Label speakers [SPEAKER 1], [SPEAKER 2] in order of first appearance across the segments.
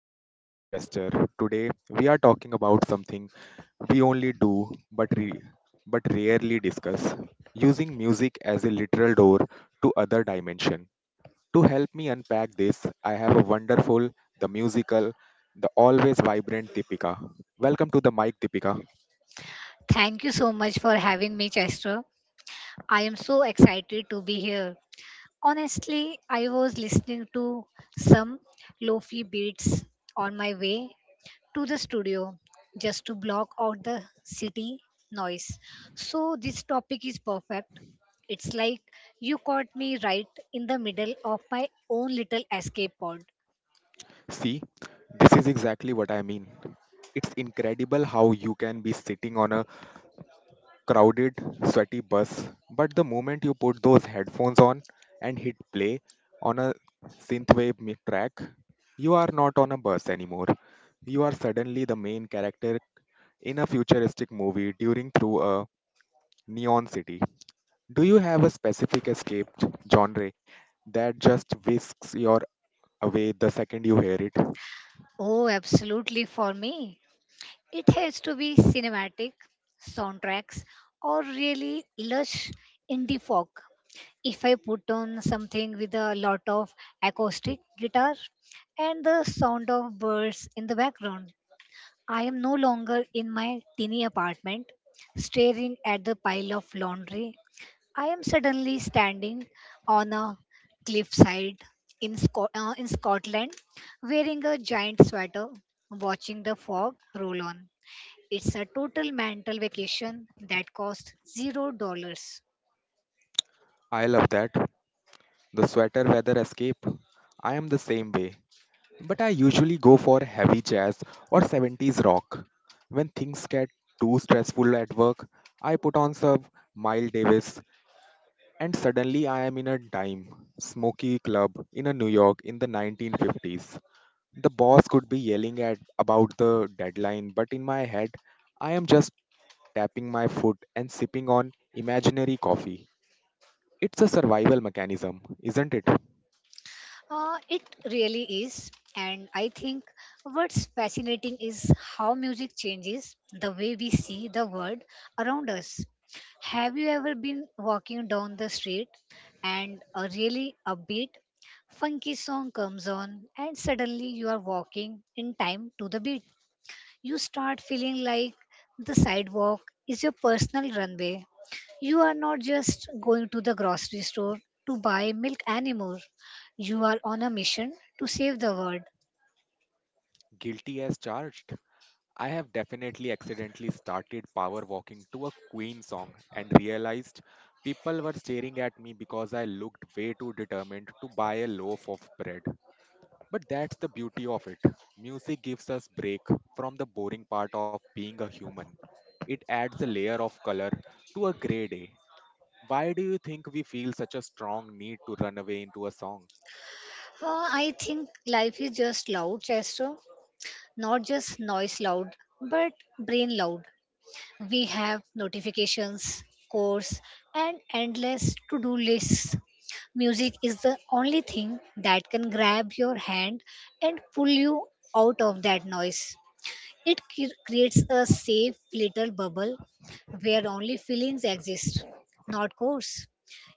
[SPEAKER 1] am your host Chester. Today we are talking about something we only do but re- but rarely discuss, using music as a literal door to other dimension. To help me unpack this, I have a the musical, the always vibrant Deepika. Welcome to the mic Deepika.
[SPEAKER 2] Thank you so much for having me, Chester. I am so excited to be here. Honestly, I was listening to some lofi beats on my way to the studio just to block out the city noise. So, this topic is perfect. It's like you caught me right in the middle of my own little escape pod.
[SPEAKER 1] See, this is exactly what I mean. It's incredible how you can be sitting on a crowded, sweaty bus, but the moment you put those headphones on and hit play on a track, you are not on a bus anymore. You are suddenly the main character in a futuristic movie during through a neon city. Do you have a specific escaped genre that just whisks you away the second you hear it?
[SPEAKER 2] Oh, absolutely for me. It has to be cinematic soundtracks, or really lush indie folk. If I put on something with a lot of acoustic guitar and the sound of birds in the background, I am no longer in my tiny apartment staring at the pile of laundry. I am suddenly standing on a cliffside in, in Scotland wearing a giant sweater, watching the fog roll on. It's a total mental vacation that costs $0.
[SPEAKER 1] I love that. The sweater weather escape. I am the same way, but I usually go for heavy jazz or 70s rock. When things get too stressful at work, I put on some Miles Davis and suddenly I am in a dime smoky club in a New York in the 1950s. The boss could be yelling at about the deadline, but in my head, I am just tapping my foot and sipping on imaginary coffee. It's a survival mechanism, isn't it?
[SPEAKER 2] It really is. And I think what's fascinating is how music changes the way we see the world around us. Have you ever been walking down the street and a really upbeat, funky song comes on, and suddenly you are walking in time to the beat? You start feeling like the sidewalk is your personal runway. You are not just going to the grocery store to buy milk anymore. You are on a mission to save the world.
[SPEAKER 1] Guilty as charged. I have definitely accidentally started power walking to a Queen song and realized people were staring at me because I looked way too determined to buy a loaf of bread. But that's the beauty of it. Music gives us break from the boring part of being a human. It adds a layer of color to a gray day. Why do you think we feel such a strong need to run away into a song?
[SPEAKER 2] Uh, I think life is just loud, Chester. Not just noise loud, but brain loud. We have notifications, course, and endless to do lists. Music is the only thing that can grab your hand and pull you out of that noise. It creates a safe little bubble where only feelings exist, not course.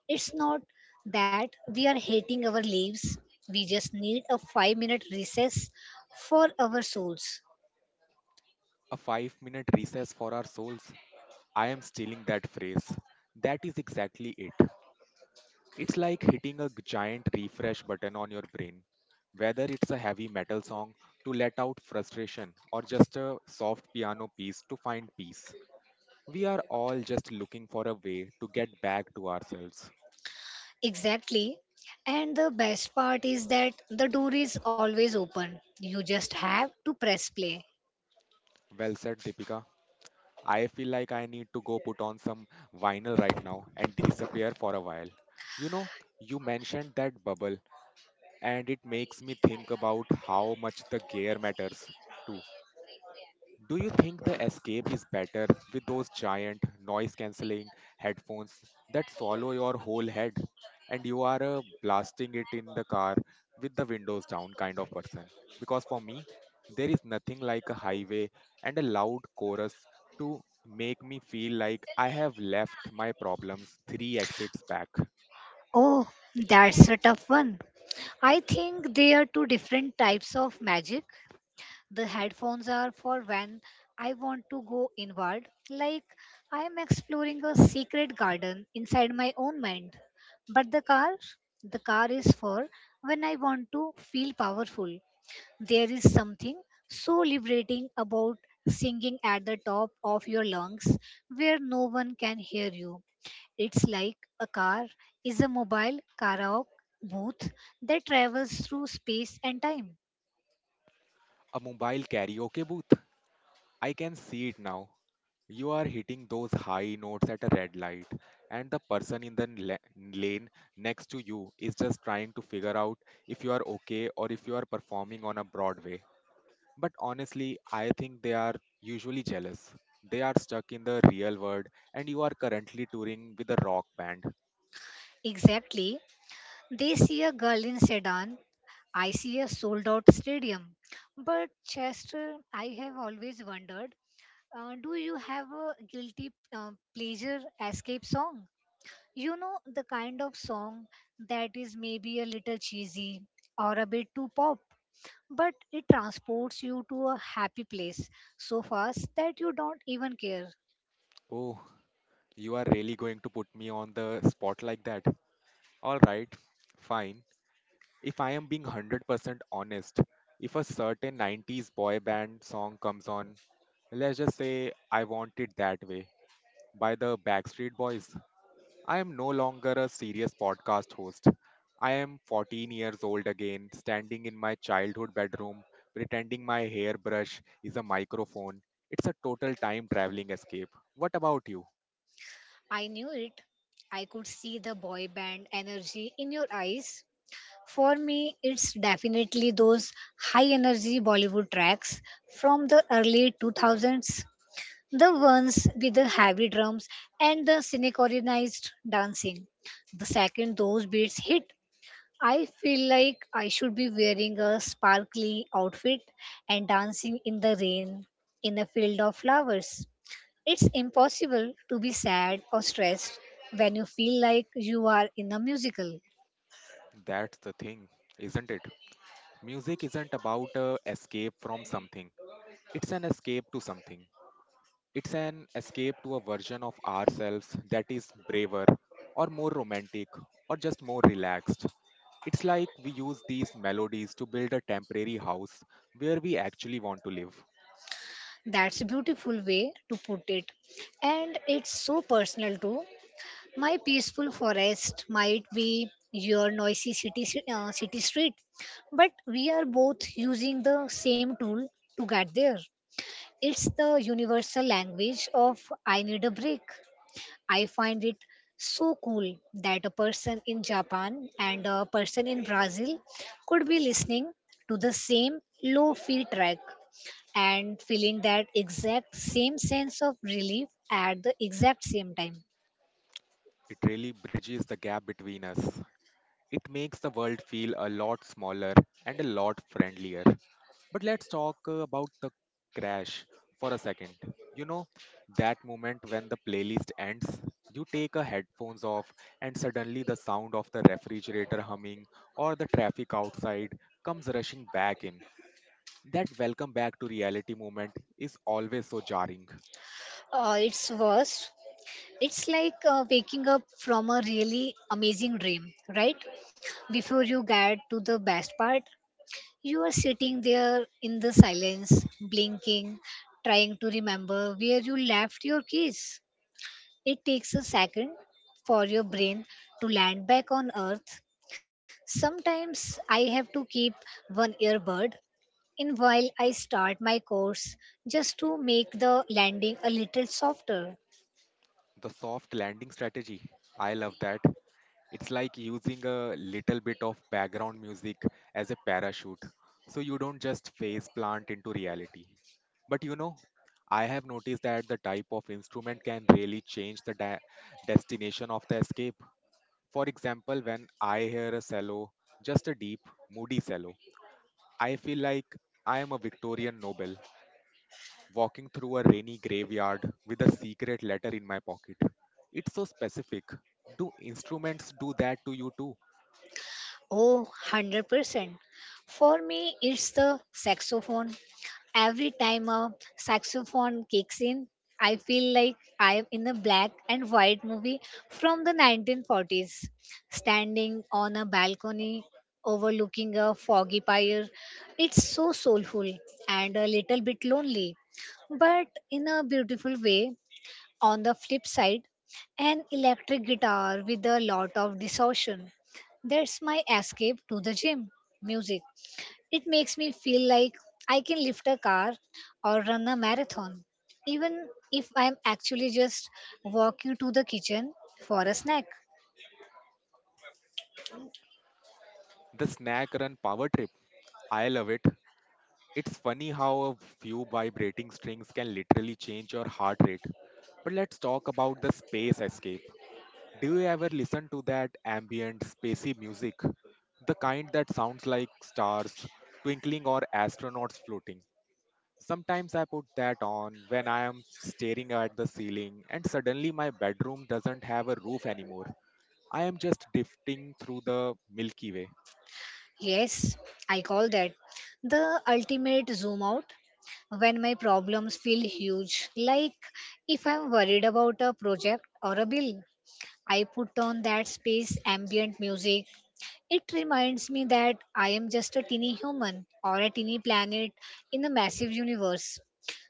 [SPEAKER 2] It's not that we are hating our lives, we just need a 5 minute recess for our souls.
[SPEAKER 1] A 5-minute minute recess for our souls. I am stealing that phrase. That is exactly it. It's like hitting a giant refresh button on your brain. Whether it's a heavy metal song to let out frustration or just a soft piano piece to find peace, we are all just looking for a way to get back to ourselves.
[SPEAKER 2] Exactly. And the best part is that the door is always open. You just have to press play.
[SPEAKER 1] Well said, Deepika. I feel like I need to go put on some vinyl right now and disappear for a while. You know, you mentioned that bubble, and it makes me think about how much the gear matters too. Do you think the escape is better with those giant noise cancelling headphones that swallow your whole head and you are blasting it in the car with the windows down kind of person? Because for me, there is nothing like a highway and a loud chorus to make me feel like I have left my problems three exits back.
[SPEAKER 2] Oh, that's a tough one. I think there are two different types of magic. The headphones are for when I want to go inward, like I am exploring a secret garden inside my own mind. But the car is for when I want to feel powerful. There is something so liberating about singing at the top of your lungs where no one can hear you. It's like a car is a mobile karaoke booth that travels through space and time.
[SPEAKER 1] A mobile karaoke booth, I can see it now. You are hitting those high notes at a red light, and the person in the lane next to you is just trying to figure out if you are okay or if you are performing on a Broadway. But honestly, I think they are usually jealous. They are stuck in the real world, and you are currently touring with a rock band.
[SPEAKER 2] Exactly. They see a girl in sedan. I see a sold out stadium. But, Chester, I have always wondered, do you have a guilty pleasure escape song? You know, the kind of song that is maybe a little cheesy or a bit too pop, but it transports you to a happy place so fast that you don't even care.
[SPEAKER 1] Oh, you are really going to put me on the spot like that? Alright, fine. If I am being 100% honest, if a certain 90s boy band song comes on. Let's just say I Want It That Way by the Backstreet Boys. I am no longer a serious podcast host. I am 14 years old again, standing in my childhood bedroom, pretending my hairbrush is a microphone. It's a total time traveling escape. What about you?
[SPEAKER 2] I knew it. I could see the boy band energy in your eyes. For me, it's definitely those high energy Bollywood tracks from the early 2000s, the ones with the heavy drums and the synchronized dancing. The second those beats hit, I feel like I should be wearing a sparkly outfit and dancing in the rain in a field of flowers. It's impossible to be sad or stressed when you feel like you are in a musical.
[SPEAKER 1] That's the thing, isn't it? Music isn't about a escape from something. It's an escape to something. It's an escape to a version of ourselves that is braver, or more romantic, or just more relaxed. It's like we use these melodies to build a temporary house where we actually want to live.
[SPEAKER 2] That's a beautiful way to put it. And it's so personal too. My peaceful forest might be your noisy city, city street, but we are both using the same tool to get there. It's the universal language of I need a break. I find it so cool that a person in Japan and a person in Brazil could be listening to the same low fi track and feeling that exact same sense of relief at the exact same time.
[SPEAKER 1] It really bridges the gap between us. It makes the world feel a lot smaller and a lot friendlier. But let's talk about the crash for a second. You know, that moment when the playlist ends, you take a headphones off and suddenly the sound of the refrigerator humming or the traffic outside comes rushing back in. That welcome back to reality moment is always so jarring.
[SPEAKER 2] It's worst. It's like waking up from a really amazing dream, right? Before you get to the best part, you are sitting there in the silence, blinking, trying to remember where you left your keys. It takes a second for your brain to land back on earth. Sometimes I have to keep one earbud in while I start my course just to make the landing a little softer.
[SPEAKER 1] The soft landing strategy, I love that. It's like using a little bit of background music as a parachute, so you don't just face plant into reality. But you know, I have noticed that the type of instrument can really change the destination of the escape. For example, when I hear a cello, just a deep, moody cello, I feel like I am a Victorian noble walking through a rainy graveyard with a secret letter in my pocket. It's so specific. Do instruments do that to you too?
[SPEAKER 2] Oh, 100%. For me, it's the saxophone. Every time a saxophone kicks in, I feel like I am in a black and white movie from the 1940s, standing on a balcony overlooking a foggy pyre. It's so soulful and a little bit lonely, but in a beautiful way. On the flip side, an electric guitar with a lot of distortion. That's my escape to the gym music. It makes me feel like I can lift a car or run a marathon, even if I'm actually just walking to the kitchen for a snack.
[SPEAKER 1] The snack run power trip. I love it. It's funny how a few vibrating strings can literally change your heart rate. But let's talk about the space escape. Do you ever listen to that ambient, spacey music? The kind that sounds like stars twinkling or astronauts floating. Sometimes I put that on when I am staring at the ceiling and suddenly my bedroom doesn't have a roof anymore. I am just drifting through the Milky Way.
[SPEAKER 2] Yes, I call that the ultimate zoom out. When my problems feel huge, like if I'm worried about a project or a bill, I put on that space ambient music. It reminds me that I am just a teeny human or a teeny planet in a massive universe.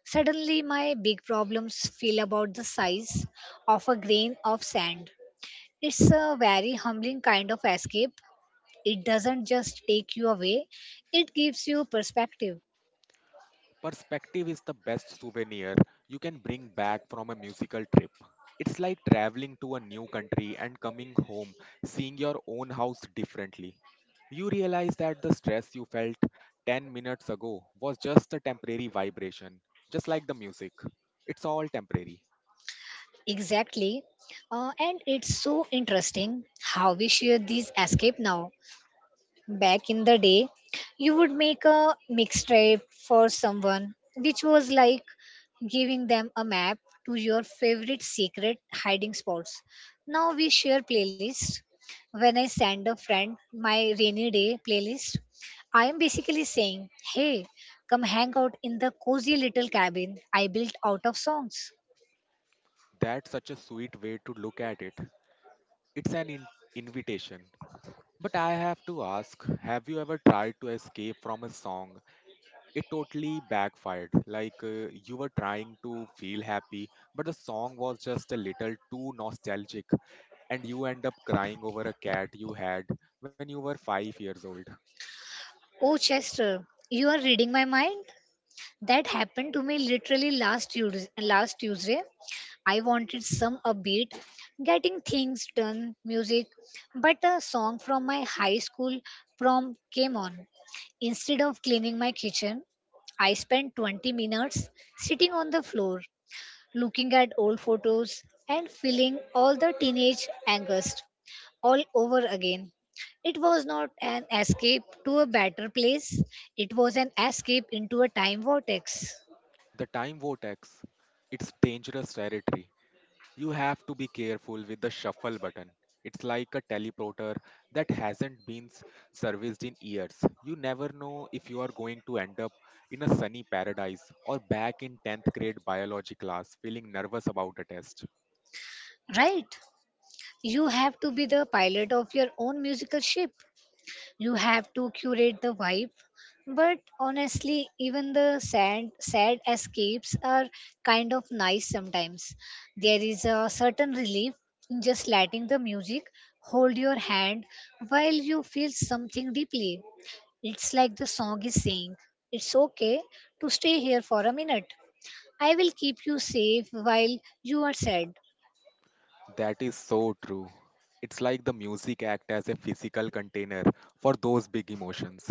[SPEAKER 2] Suddenly, my big problems feel about the size of a grain of sand. It's a very humbling kind of escape. It doesn't just take you away, it gives you perspective.
[SPEAKER 1] Perspective is the best souvenir you can bring back from a musical trip. It's like traveling to a new country and coming home, seeing your own house differently. You realize that the stress you felt 10 minutes ago was just a temporary vibration, just like the music. It's all temporary.
[SPEAKER 2] Exactly. And it's so interesting how we share these escape now. Back in the day, you would make a mixtape for someone, which was like giving them a map to your favorite secret hiding spots. Now we share playlists. When I send a friend my rainy day playlist, I am basically saying, hey, come hang out in the cozy little cabin I built out of songs.
[SPEAKER 1] That's such a sweet way to look at it. It's an invitation. But I have to ask, have you ever tried to escape from a song it totally backfired? Like you were trying to feel happy, but the song was just a little too nostalgic, and you end up crying over a cat you had when you were 5 years old.
[SPEAKER 2] Oh, Chester, you are reading my mind? That happened to me literally last Tuesday. I wanted some upbeat, getting things done music, but a song from my high school prom came on. Instead of cleaning my kitchen, I spent 20 minutes sitting on the floor, looking at old photos and feeling all the teenage angst all over again. It was not an escape to a better place, it was an escape into a time vortex.
[SPEAKER 1] The time vortex, it's dangerous territory. You have to be careful with the shuffle button. It's like a teleporter that hasn't been serviced in years. You never know if you are going to end up in a sunny paradise or back in 10th grade biology class feeling nervous about a test.
[SPEAKER 2] Right? You have to be the pilot of your own musical ship. You have to curate the vibe. But honestly, even the sad escapes are kind of nice sometimes. There is a certain relief in just letting the music hold your hand while you feel something deeply. It's like the song is saying, it's okay to stay here for a minute, I will keep you safe while you are sad.
[SPEAKER 1] That is so true. It's like the music act as a physical container for those big emotions.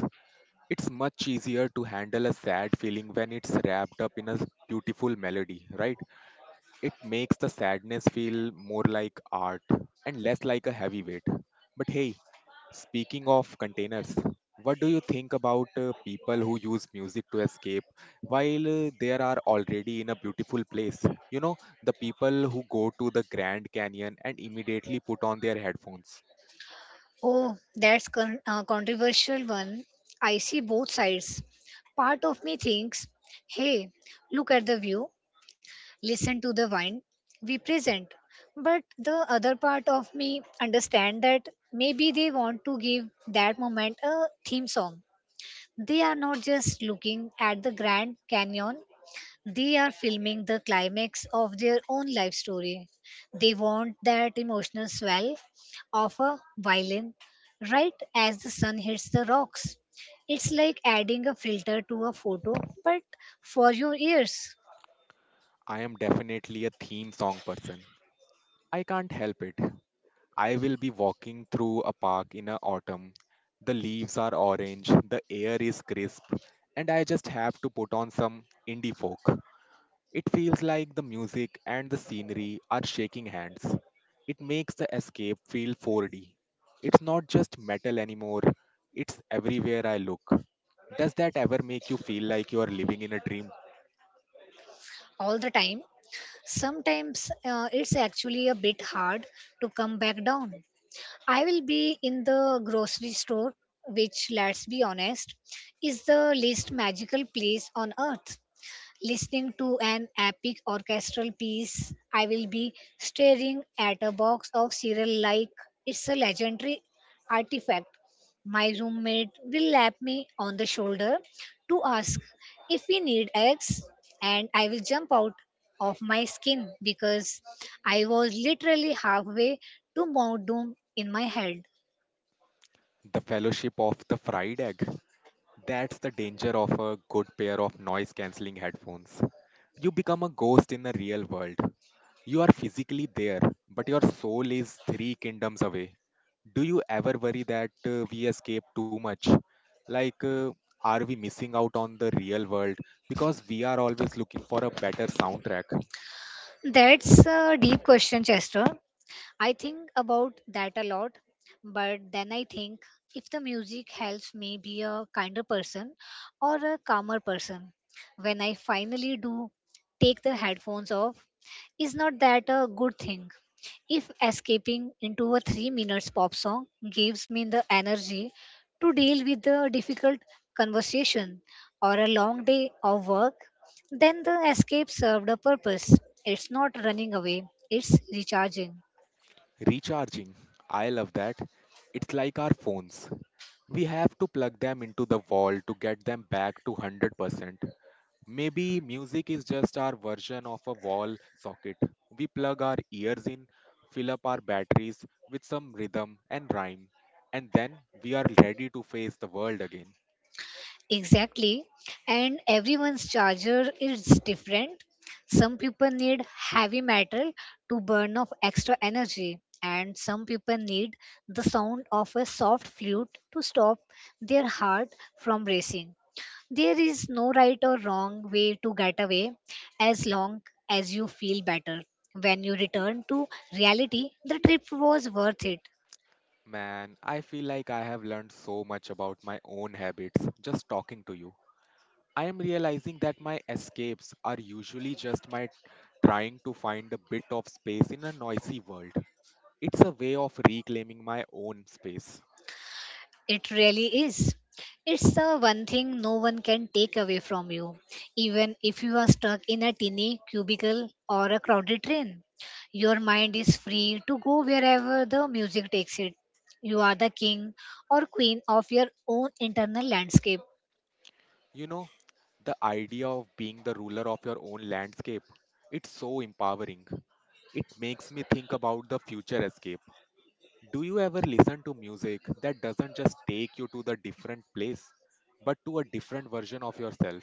[SPEAKER 1] It's much easier to handle a sad feeling when it's wrapped up in a beautiful melody, right? It makes the sadness feel more like art and less like a heavy weight. But hey, speaking of containers, what do you think about people who use music to escape while they are already in a beautiful place? You know, the people who go to the Grand Canyon and immediately put on their headphones.
[SPEAKER 2] Oh, that's a controversial one. I see both sides. Part of me thinks, hey, look at the view, listen to the wine we present. But the other part of me understand that maybe they want to give that moment a theme song. They are not just looking at the Grand Canyon, they are filming the climax of their own life story. They want that emotional swell of a violin right as the sun hits the rocks. It's like adding a filter to a photo, but for your ears.
[SPEAKER 1] I am definitely a theme song person. I can't help it. I will be walking through a park in a autumn. The leaves are orange, the air is crisp, and I just have to put on some indie folk. It feels like the music and the scenery are shaking hands. It makes the escape feel 4D. It's not just metal anymore, it's everywhere I look. Does that ever make you feel like you are living in a dream?
[SPEAKER 2] All the time. Sometimes it's actually a bit hard to come back down. I will be in the grocery store, which, let's be honest, is the least magical place on earth, listening to an epic orchestral piece. I will be staring at a box of cereal like it's a legendary artifact. My roommate will lap me on the shoulder to ask if we need eggs, and I will jump out of my skin because I was literally halfway to Mount Doom in my head.
[SPEAKER 1] The fellowship of the fried egg. That's the danger of a good pair of noise cancelling headphones. You become a ghost in the real world. You are physically there, but your soul is three kingdoms away. Do you ever worry that we escape too much? Like, are we missing out on the real world because we are always looking for a better soundtrack?
[SPEAKER 2] That's a deep question, Chester. I think about that a lot, but then I think, if the music helps me be a kinder person or a calmer person, when I finally do take the headphones off, is not that a good thing? If escaping into a 3 minutes pop song gives me the energy to deal with a difficult conversation or a long day of work, then the escape served a purpose. It's not running away, it's recharging.
[SPEAKER 1] Recharging. I love that. It's like our phones. We have to plug them into the wall to get them back to 100%. Maybe music is just our version of a wall socket. We plug our ears in, fill up our batteries with some rhythm and rhyme, and then we are ready to face the world again.
[SPEAKER 2] Exactly. And everyone's charger is different. Some people need heavy metal to burn off extra energy, and some people need the sound of a soft flute to stop their heart from racing. There is no right or wrong way to get away, as long as you feel better. When you return to reality, the trip was worth it.
[SPEAKER 1] Man, I feel like I have learned so much about my own habits just talking to you. I am realizing that my escapes are usually just my trying to find a bit of space in a noisy world. It's a way of reclaiming my own space.
[SPEAKER 2] It really is. It's the one thing no one can take away from you, even if you are stuck in a tiny cubicle or a crowded train. Your mind is free to go wherever the music takes it. You are the king or queen of your own internal landscape.
[SPEAKER 1] You know, the idea of being the ruler of your own landscape, it's so empowering. It makes me think about the future escape. Do you ever listen to music that doesn't just take you to the different place, but to a different version of yourself?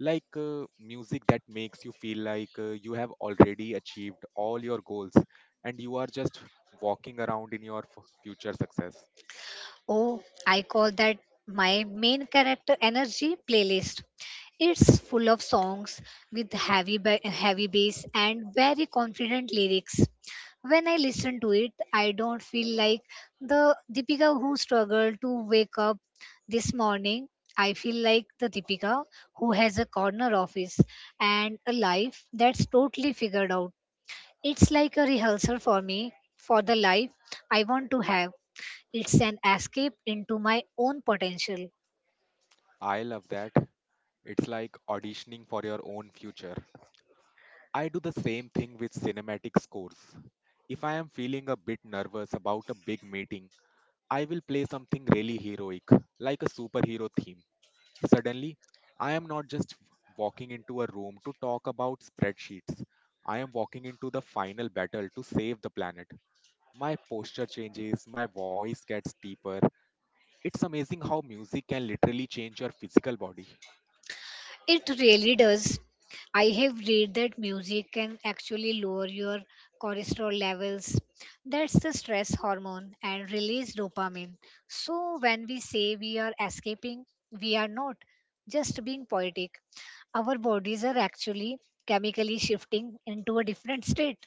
[SPEAKER 1] Like music that makes you feel like you have already achieved all your goals and you are just walking around in your future success.
[SPEAKER 2] Oh, I call that my main character energy playlist. It's full of songs with heavy heavy bass and very confident lyrics. When I listen to it, I don't feel like the Deepika who struggled to wake up this morning. I feel like the Deepika who has a corner office and a life that's totally figured out. It's like a rehearsal for me for the life I want to have. It's an escape into my own potential.
[SPEAKER 1] I love that. It's like auditioning for your own future. I do the same thing with cinematic scores. If I am feeling a bit nervous about a big meeting, I will play something really heroic, like a superhero theme. Suddenly, I am not just walking into a room to talk about spreadsheets. I am walking into the final battle to save the planet. My posture changes, my voice gets deeper. It's amazing how music can literally change your physical body.
[SPEAKER 2] It really does. I have read that music can actually lower your cholesterol levels. That's the stress hormone and release dopamine. So, when we say we are escaping, we are not just being poetic. Our bodies are actually chemically shifting into a different state.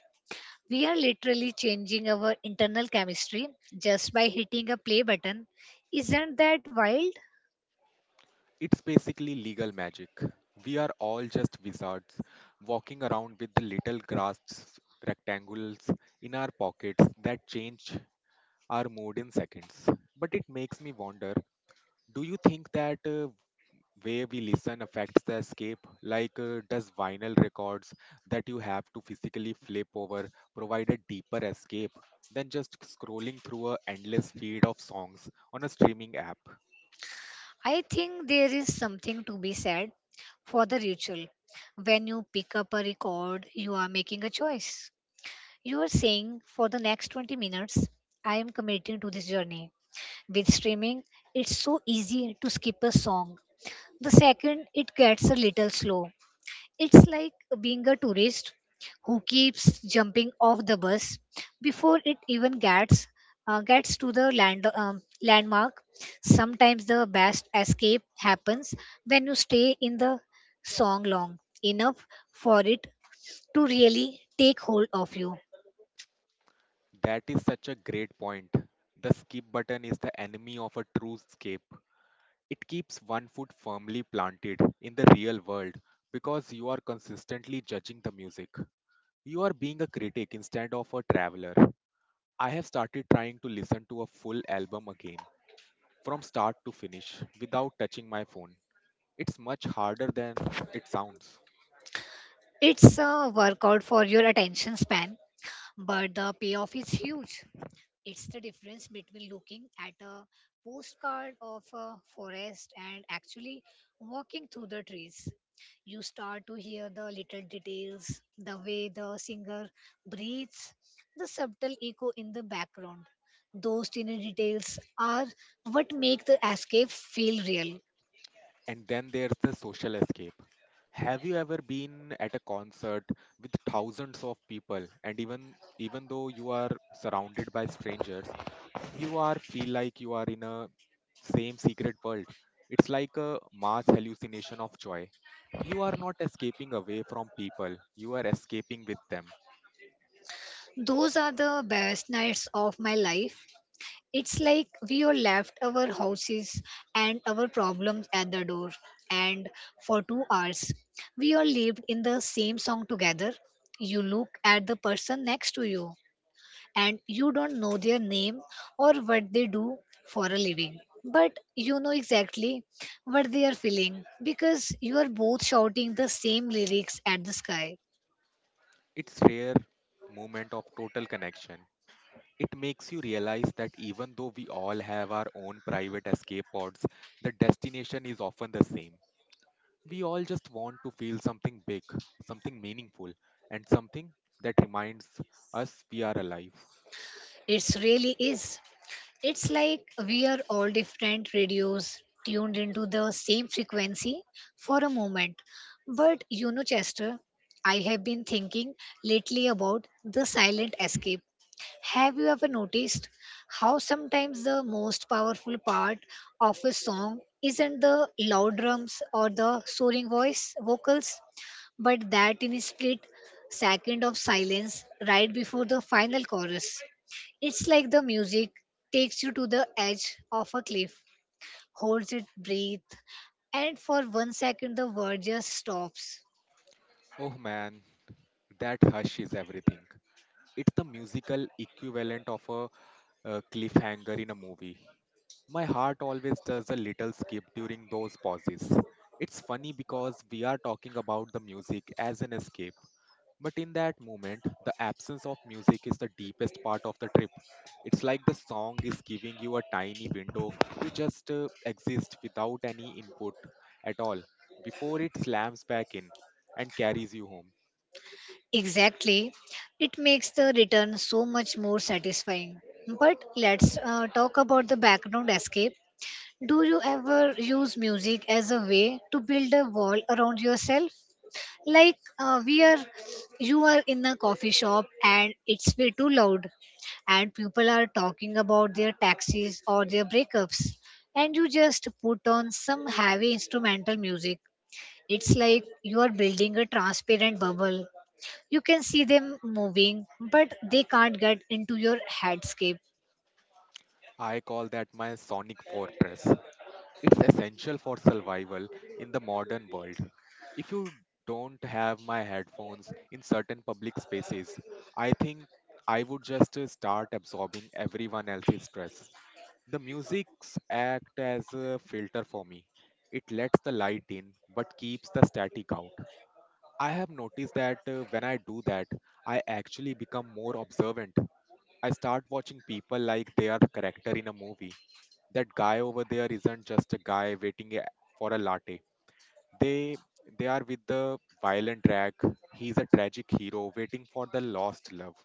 [SPEAKER 2] We are literally changing our internal chemistry just by hitting a play button. Isn't that wild?
[SPEAKER 1] It's basically legal magic. We are all just wizards walking around with the little grass rectangles in our pockets that change our mood in seconds. But it makes me wonder, do you think that way we listen affects the escape? Like, does vinyl records that you have to physically flip over provide a deeper escape than just scrolling through a endless feed of songs on a streaming app?
[SPEAKER 2] I think there is something to be said for the ritual. When you pick up a record, you are making a choice. You are saying, for the next 20 minutes, I am committing to this journey. With streaming, it's so easy to skip a song. The second it gets a little slow, it's like being a tourist who keeps jumping off the bus before it even gets to the landmark. Sometimes the best escape happens when you stay in the song long enough for it to really take hold of you.
[SPEAKER 1] That is such a great point. The skip button is the enemy of a true escape. It keeps one foot firmly planted in the real world because you are consistently judging the music. You are being a critic instead of a traveler. I have started trying to listen to a full album again, from start to finish, without touching my phone. It's much harder than it sounds.
[SPEAKER 2] It's a workout for your attention span, but the payoff is huge. It's the difference between looking at a postcard of a forest and actually walking through the trees. You start to hear the little details, the way the singer breathes, the subtle echo in the background. Those tiny details are what make the escape feel real.
[SPEAKER 1] And then there's the social escape. Have you ever been at a concert with thousands of people and even though you are surrounded by strangers, you are feel like you are in a same secret world? It's like a mass hallucination of joy. You are not escaping away from people, you are escaping with them.
[SPEAKER 2] Those are the best nights of my life. It's like we all left our houses and our problems at the door, and for 2 hours, we all lived in the same song together. You look at the person next to you, and you don't know their name or what they do for a living, but you know exactly what they are feeling because you are both shouting the same lyrics at the sky.
[SPEAKER 1] It's rare moment of total connection. It makes you realize that even though we all have our own private escape pods, the destination is often the same. We all just want to feel something big, something meaningful, and something that reminds us we are alive.
[SPEAKER 2] It really is. It's like we are all different radios tuned into the same frequency for a moment. But you know, Chester, I have been thinking lately about the silent escape. Have you ever noticed how sometimes the most powerful part of a song isn't the loud drums or the soaring voice vocals, but that in split second of silence right before the final chorus? It's like the music takes you to the edge of a cliff, holds it breath, and for 1 second the world just stops.
[SPEAKER 1] Oh man, that hush is everything. It's the musical equivalent of a cliffhanger in a movie. My heart always does a little skip during those pauses. It's funny because we are talking about the music as an escape. But in that moment, the absence of music is the deepest part of the trip. It's like the song is giving you a tiny window to just exist without any input at all before it slams back in and carries you home.
[SPEAKER 2] Exactly. It makes the return so much more satisfying. But let's talk about the background escape. Do you ever use music as a way to build a wall around yourself? Like we are you are in a coffee shop and it's way too loud, and people are talking about their taxes or their breakups, and you just put on some heavy instrumental music. It's like you are building a transparent bubble. You can see them moving, but they can't get into your headscape.
[SPEAKER 1] I call that my sonic fortress. It's essential for survival in the modern world. If you don't have my headphones in certain public spaces, I think I would just start absorbing everyone else's stress. The musics act as a filter for me. It lets the light in but keeps the static out. I have noticed that when I do that, I actually become more observant. I start watching people like they are the character in a movie. That guy over there isn't just a guy for a latte. They they are with the violent drag. He's a tragic hero waiting for the lost love.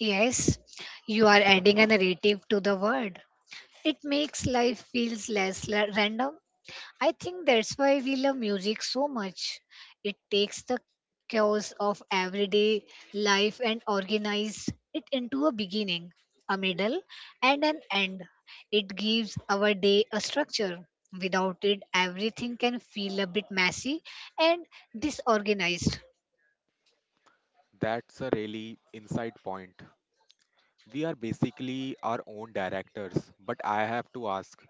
[SPEAKER 2] Yes, you are adding a narrative to the word. It makes life feels less random. I think that's why we love music so much. It takes the chaos of everyday life and organizes it into a beginning, a middle, and an end. It gives our day a structure. Without it, everything can feel a bit messy and disorganized.
[SPEAKER 1] That's a really inside point. We are basically our own directors, but I have to ask,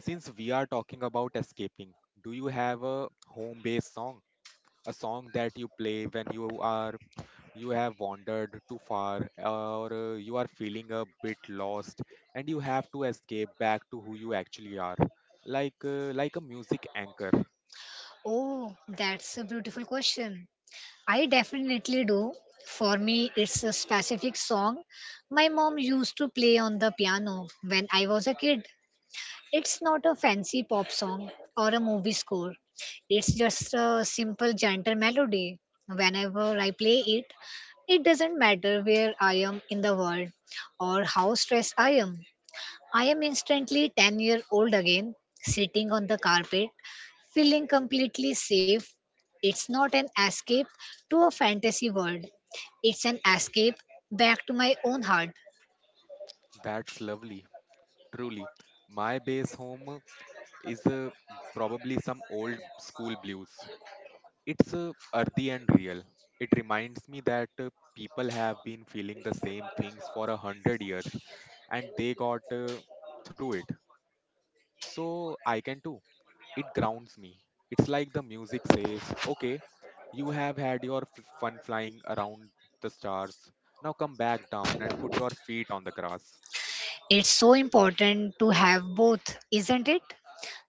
[SPEAKER 1] since we are talking about escaping, do you have a home based song? A song that you play when you are, you have wandered too far or you are feeling a bit lost and you have to escape back to who you actually are, like a music anchor.
[SPEAKER 2] Oh, that's a beautiful question. I definitely do. For me, it's a specific song my mom used to play on the piano when I was a kid. It's not a fancy pop song or a movie score. It's just a simple, gentle melody. Whenever I play it, it doesn't matter where I am in the world or how stressed I am. I am instantly 10-year-old again, sitting on the carpet, feeling completely safe. It's not an escape to a fantasy world, it's an escape back to my own heart.
[SPEAKER 1] That's lovely, truly. My base home is probably some old school blues. It's earthy and real. It reminds me that people have been feeling the same things for a hundred years and they got through it. So I can too. It grounds me. It's like the music says, okay, you have had your fun flying around the stars. Now come back down and put your feet on the grass.
[SPEAKER 2] It's so important to have both, isn't it?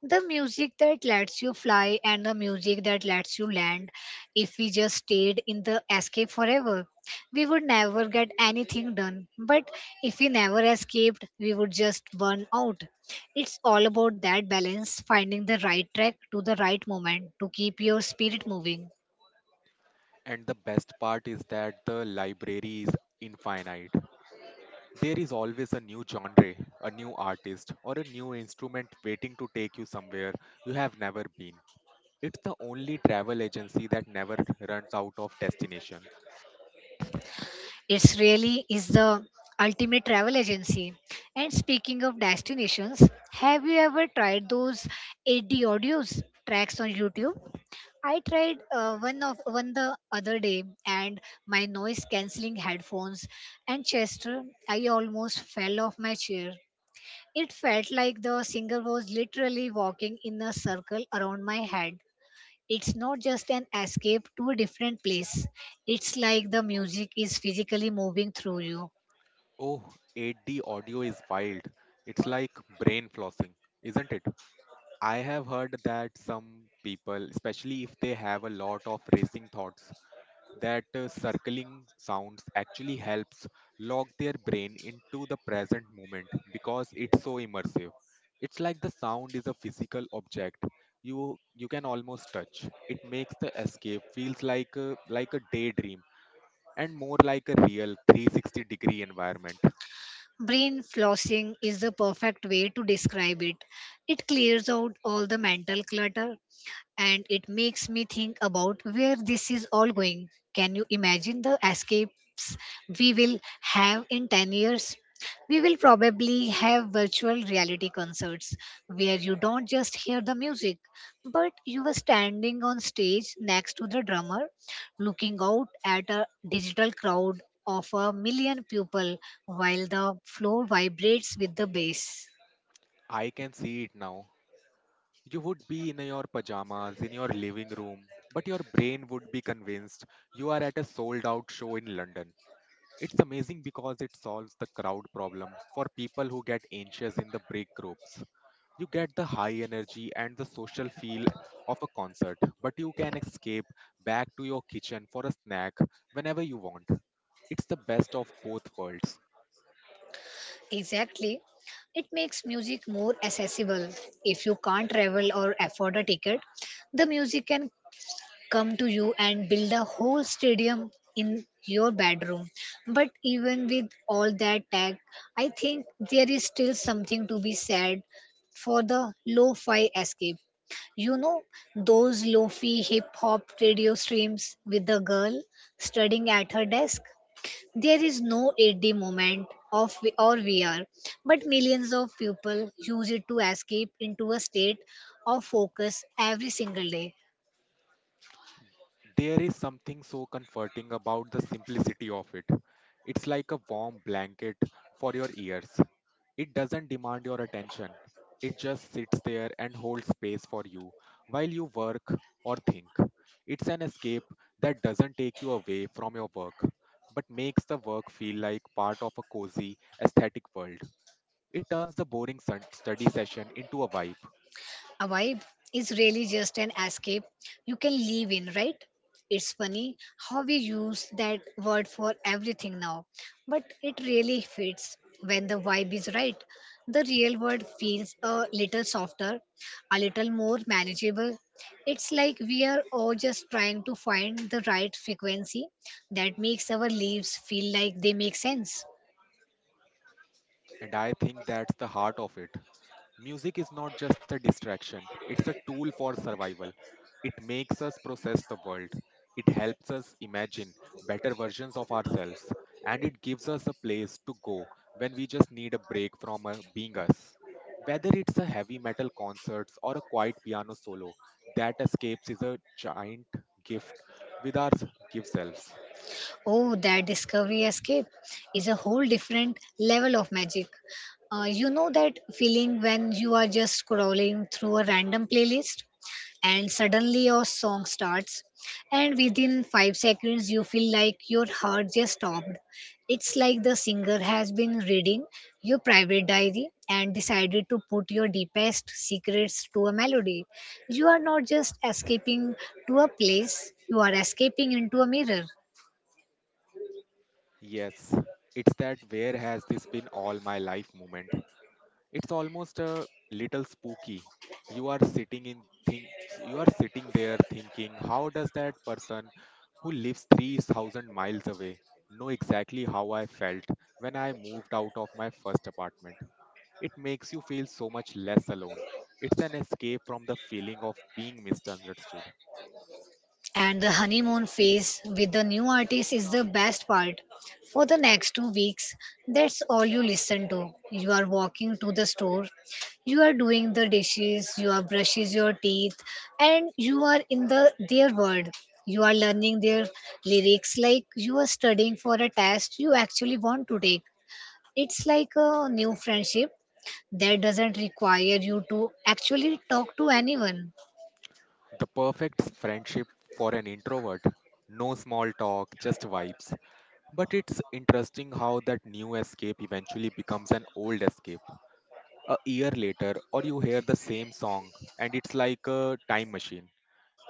[SPEAKER 2] The music that lets you fly and the music that lets you land. If we just stayed in the escape forever, we would never get anything done, but if we never escaped we would just burn out. It's all about that balance, finding the right track to the right moment to keep your spirit moving.
[SPEAKER 1] And the best part is that the library is infinite. There is always a new genre, a new artist, or a new instrument waiting to take you somewhere you have never been. It's the only travel agency that never runs out of destination.
[SPEAKER 2] It's really is the ultimate travel agency. And speaking of destinations, have you ever tried those 80 audios tracks on YouTube? I tried one the other day and my noise cancelling headphones, and Chester, I almost fell off my chair. It felt like the singer was literally walking in a circle around my head. It's not just an escape to a different place. It's like the music is physically moving through you.
[SPEAKER 1] Oh, 8D audio is wild. It's like brain flossing, isn't it? I have heard that some people, especially if they have a lot of racing thoughts, that circling sounds actually helps lock their brain into the present moment because it's so immersive. It's like the sound is a physical object, you can almost touch it. Makes the escape feels like like a daydream, and more like a real 360-degree environment.
[SPEAKER 2] Brain flossing is the perfect way to describe it. It clears out all the mental clutter, and it makes me think about where this is all going. Can you imagine the escapes we will have in 10 years? We will probably have virtual reality concerts where you don't just hear the music, but you are standing on stage next to the drummer, looking out at a digital crowd of a million people while the floor vibrates with the bass.
[SPEAKER 1] I can see it now, you would be in your pajamas in your living room, but your brain would be convinced you are at a sold out show in London. It's amazing because it solves the crowd problem for people who get anxious in the break groups. You get the high energy and the social feel of a concert, but you can escape back to your kitchen for a snack whenever you want. It's the best of both worlds.
[SPEAKER 2] Exactly. It makes music more accessible. If you can't travel or afford a ticket, the music can come to you and build a whole stadium in your bedroom. But even with all that tech, I think there is still something to be said for the lo-fi escape. You know, those lo-fi hip-hop radio streams with the girl studying at her desk. There is no 8D moment of V- or VR, but millions of people use it to escape into a state of focus every single day.
[SPEAKER 1] There is something so comforting about the simplicity of it. It's like a warm blanket for your ears. It doesn't demand your attention. It just sits there and holds space for you while you work or think. It's an escape that doesn't take you away from your work, but makes the work feel like part of a cozy, aesthetic world. It turns a study session into a vibe.
[SPEAKER 2] A vibe is really just an escape you can live in, right? It's funny how we use that word for everything now, but it really fits when the vibe is right. The real world feels a little softer, a little more manageable. It's like we are all just trying to find the right frequency that makes our lives feel like they make sense.
[SPEAKER 1] And I think that's the heart of it. Music is not just a distraction, it's a tool for survival. It makes us process the world, it helps us imagine better versions of ourselves, and it gives us a place to go when we just need a break from being us. Whether it's a heavy metal concerts or a quiet piano solo, that escapes is a giant gift with our give selves.
[SPEAKER 2] Oh, that discovery escape is a whole different level of magic. You know that feeling when you are just scrolling through a random playlist and suddenly your song starts, and within 5 seconds, you feel like your heart just stopped. It's like the singer has been reading your private diary and decided to put your deepest secrets to a melody. You are not just escaping to a place, you are escaping into a mirror.
[SPEAKER 1] Yes, it's that where has this been all my life moment. It's almost a little spooky. You are sitting in think you are sitting there thinking, how does that person who lives 3,000 miles away know exactly how I felt when I moved out of my first apartment? It makes you feel so much less alone. It's an escape from the feeling of being misunderstood.
[SPEAKER 2] And the honeymoon phase with the new artist is the best part. For the next 2 weeks, that's all you listen to. You are walking to the store, you are doing the dishes, you are brushes your teeth, and you are in the their world. You are learning their lyrics like you are studying for a test you actually want to take. It's like a new friendship that doesn't require you to actually talk to anyone.
[SPEAKER 1] The perfect friendship for an introvert. No small talk, just vibes. But it's interesting how that new escape eventually becomes an old escape. A year later or you hear the same song and it's like a time machine.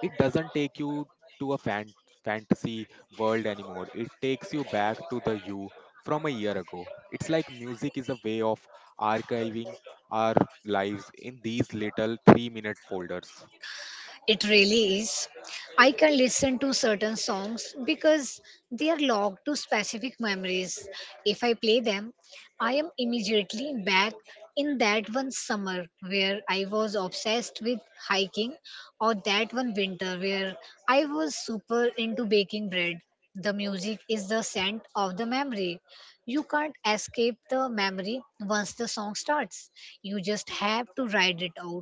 [SPEAKER 1] It doesn't take you to a fantasy world anymore, it takes you back to the you from a year ago. It's like music is a way of archiving our lives in these little 3-minute minute folders.
[SPEAKER 2] It really is. I can listen to certain songs because they are logged to specific memories. If I play them, I am immediately back in that one summer where I was obsessed with hiking, or that one winter where I was super into baking bread. The music is the scent of the memory. You can't escape the memory once the song starts. You just have to ride it out.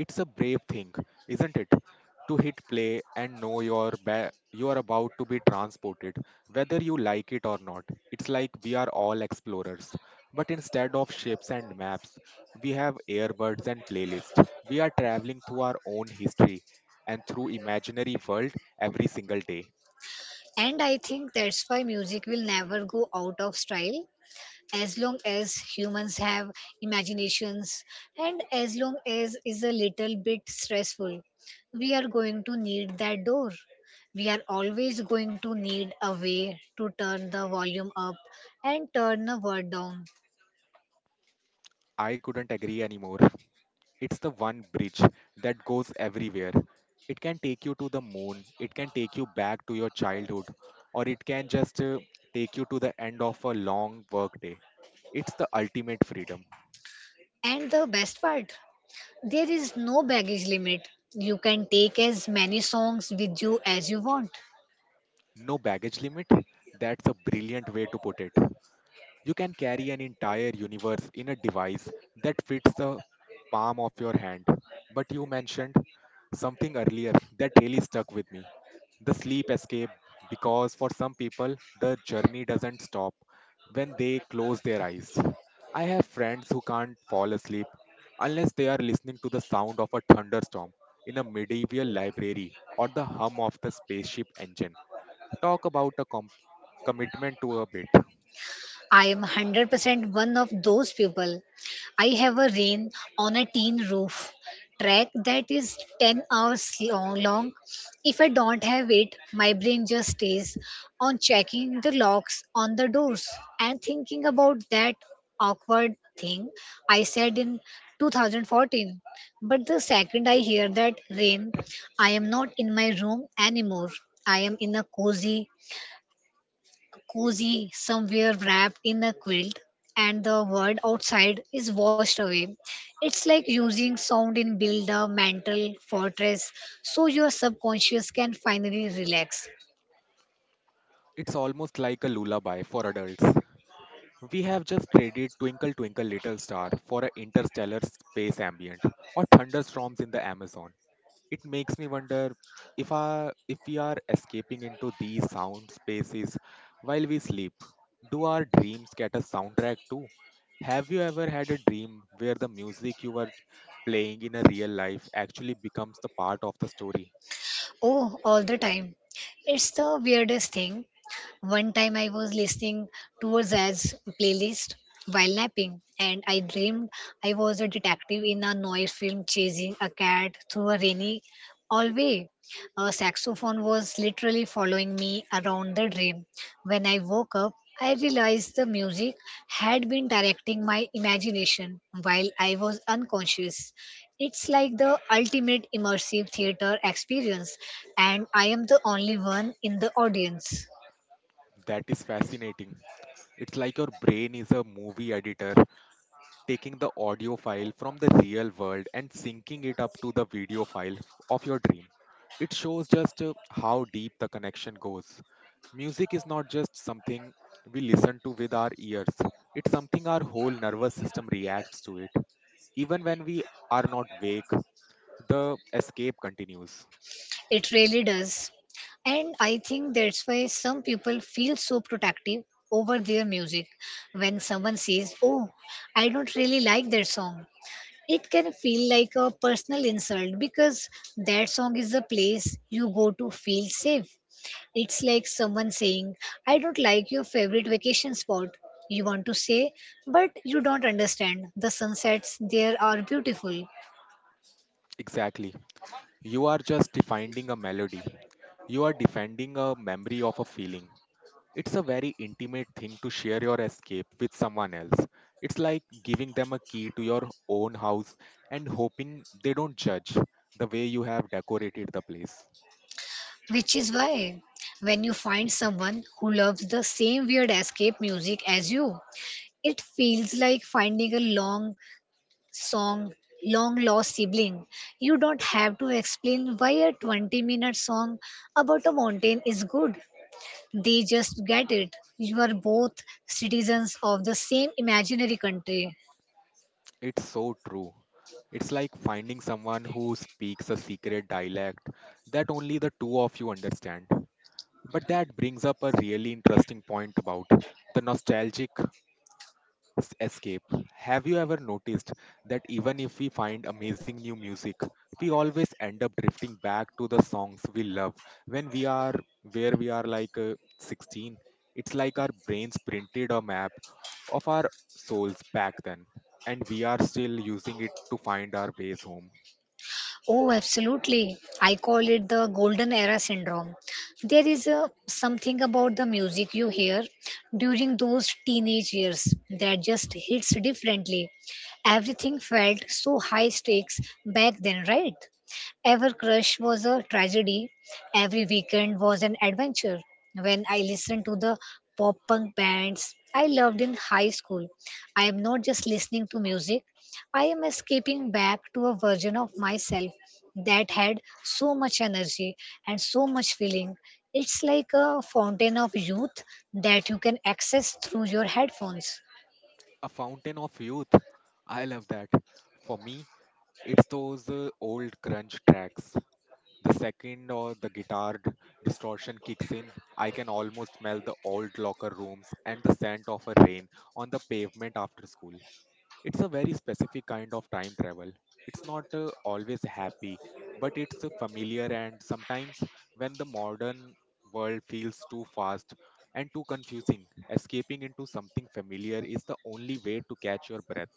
[SPEAKER 1] It's a brave thing, isn't it? To hit play and know you're about to be transported, whether you like it or not. It's like we are all explorers, but instead of ships and maps, we have earbuds and playlists. We are traveling through our own history and through imaginary world every single day.
[SPEAKER 2] And I think that's why music will never go out of style as long as humans have imaginations and as long as is a little bit stressful. We are going to need that door. We are always going to need a way to turn the volume up and turn the word down.
[SPEAKER 1] I couldn't agree anymore. It's the one bridge that goes everywhere. It can take you to the moon, it can take you back to your childhood, or it can just take you to the end of a long workday. It's the ultimate freedom.
[SPEAKER 2] And the best part, there is no baggage limit. You can take as many songs with you as you want.
[SPEAKER 1] No baggage limit? That's a brilliant way to put it. You can carry an entire universe in a device that fits the palm of your hand. But you mentioned something earlier that really stuck with me, the sleep escape, because for some people, the journey doesn't stop when they close their eyes. I have friends who can't fall asleep unless they are listening to the sound of a thunderstorm in a medieval library or the hum of the spaceship engine. Talk about a commitment to a bit.
[SPEAKER 2] I am 100% one of those people. I have a rain on a tin roof track that is 10 hours long. If I don't have it, my brain just stays on checking the locks on the doors and thinking about that awkward thing I said in 2014. But the second I hear that rain, I am not in my room anymore. I am in a cozy somewhere wrapped in a quilt and the world outside is washed away. It's like using sound in build a mental fortress so your subconscious can finally relax.
[SPEAKER 1] It's almost like a lullaby for adults. We have just traded Twinkle Twinkle Little Star for an interstellar space ambient or thunderstorms in the Amazon. It makes me wonder if we are escaping into these sound spaces while we sleep. Do our dreams get a soundtrack too? Have you ever had a dream where the music you were playing in a real life actually becomes the part of the story?
[SPEAKER 2] Oh, all the time. It's the weirdest thing. One time I was listening to a jazz playlist while napping, and I dreamed I was a detective in a noir film chasing a cat through a rainy hallway. A saxophone was literally following me around the dream. When I woke up, I realized the music had been directing my imagination while I was unconscious. It's like the ultimate immersive theater experience, and I am the only one in the audience.
[SPEAKER 1] That is fascinating. It's like your brain is a movie editor taking the audio file from the real world and syncing it up to the of your dream. It shows just how deep the connection goes. Music is not just something we listen to with our ears, it's something our whole nervous system reacts to it. Even when we are not awake, the escape continues.
[SPEAKER 2] It really does. And I think that's why some people feel so protective over their music. When someone says, Oh, I don't really like that song, it can feel like a personal insult because that song is the place you go to feel safe. It's like someone saying, I don't like your favorite vacation spot. You want to say, but you don't understand. The sunsets there are beautiful.
[SPEAKER 1] Exactly. You are just defining a melody. You are defending a memory of a feeling. It's a very intimate thing to share your escape with someone else. It's like giving them a key to your own house and hoping they don't judge the way you have decorated the place.
[SPEAKER 2] Which is why, when you find someone who loves the same weird escape music as you, it feels like finding a song, long lost sibling. You don't have to explain why a 20-minute song about a mountain is good. They just get it. You are both citizens of the same imaginary country.
[SPEAKER 1] It's so true. It's like finding someone who speaks a secret dialect that only the two of you understand. But that brings up a really interesting point about the nostalgic escape. Have you ever noticed that even if we find amazing new music, we always end up drifting back to the songs we love when we are where we are like 16? It's like our brains printed a map of our souls back then, and we are still using it to find our ways home.
[SPEAKER 2] Oh, absolutely. I call it the golden era syndrome. Something about the music you hear during those teenage years that just hits differently. Everything felt so high stakes back then, right? Ever Crush was a tragedy. Every weekend was an adventure. When I listened to the pop punk bands I loved in high school, I am not just listening to music, I am escaping back to a version of myself that had so much energy and so much feeling. It's like a fountain of youth that you can access through your headphones.
[SPEAKER 1] A fountain of youth. I love that. For me, it's those old crunch tracks. The second or the guitar distortion kicks in, I can almost smell the old locker rooms and the scent of a rain on the pavement after school. It's a very specific kind of time travel. It's not always happy, but it's familiar, and sometimes when the modern world feels too fast and too confusing, escaping into something familiar is the only way to catch your breath.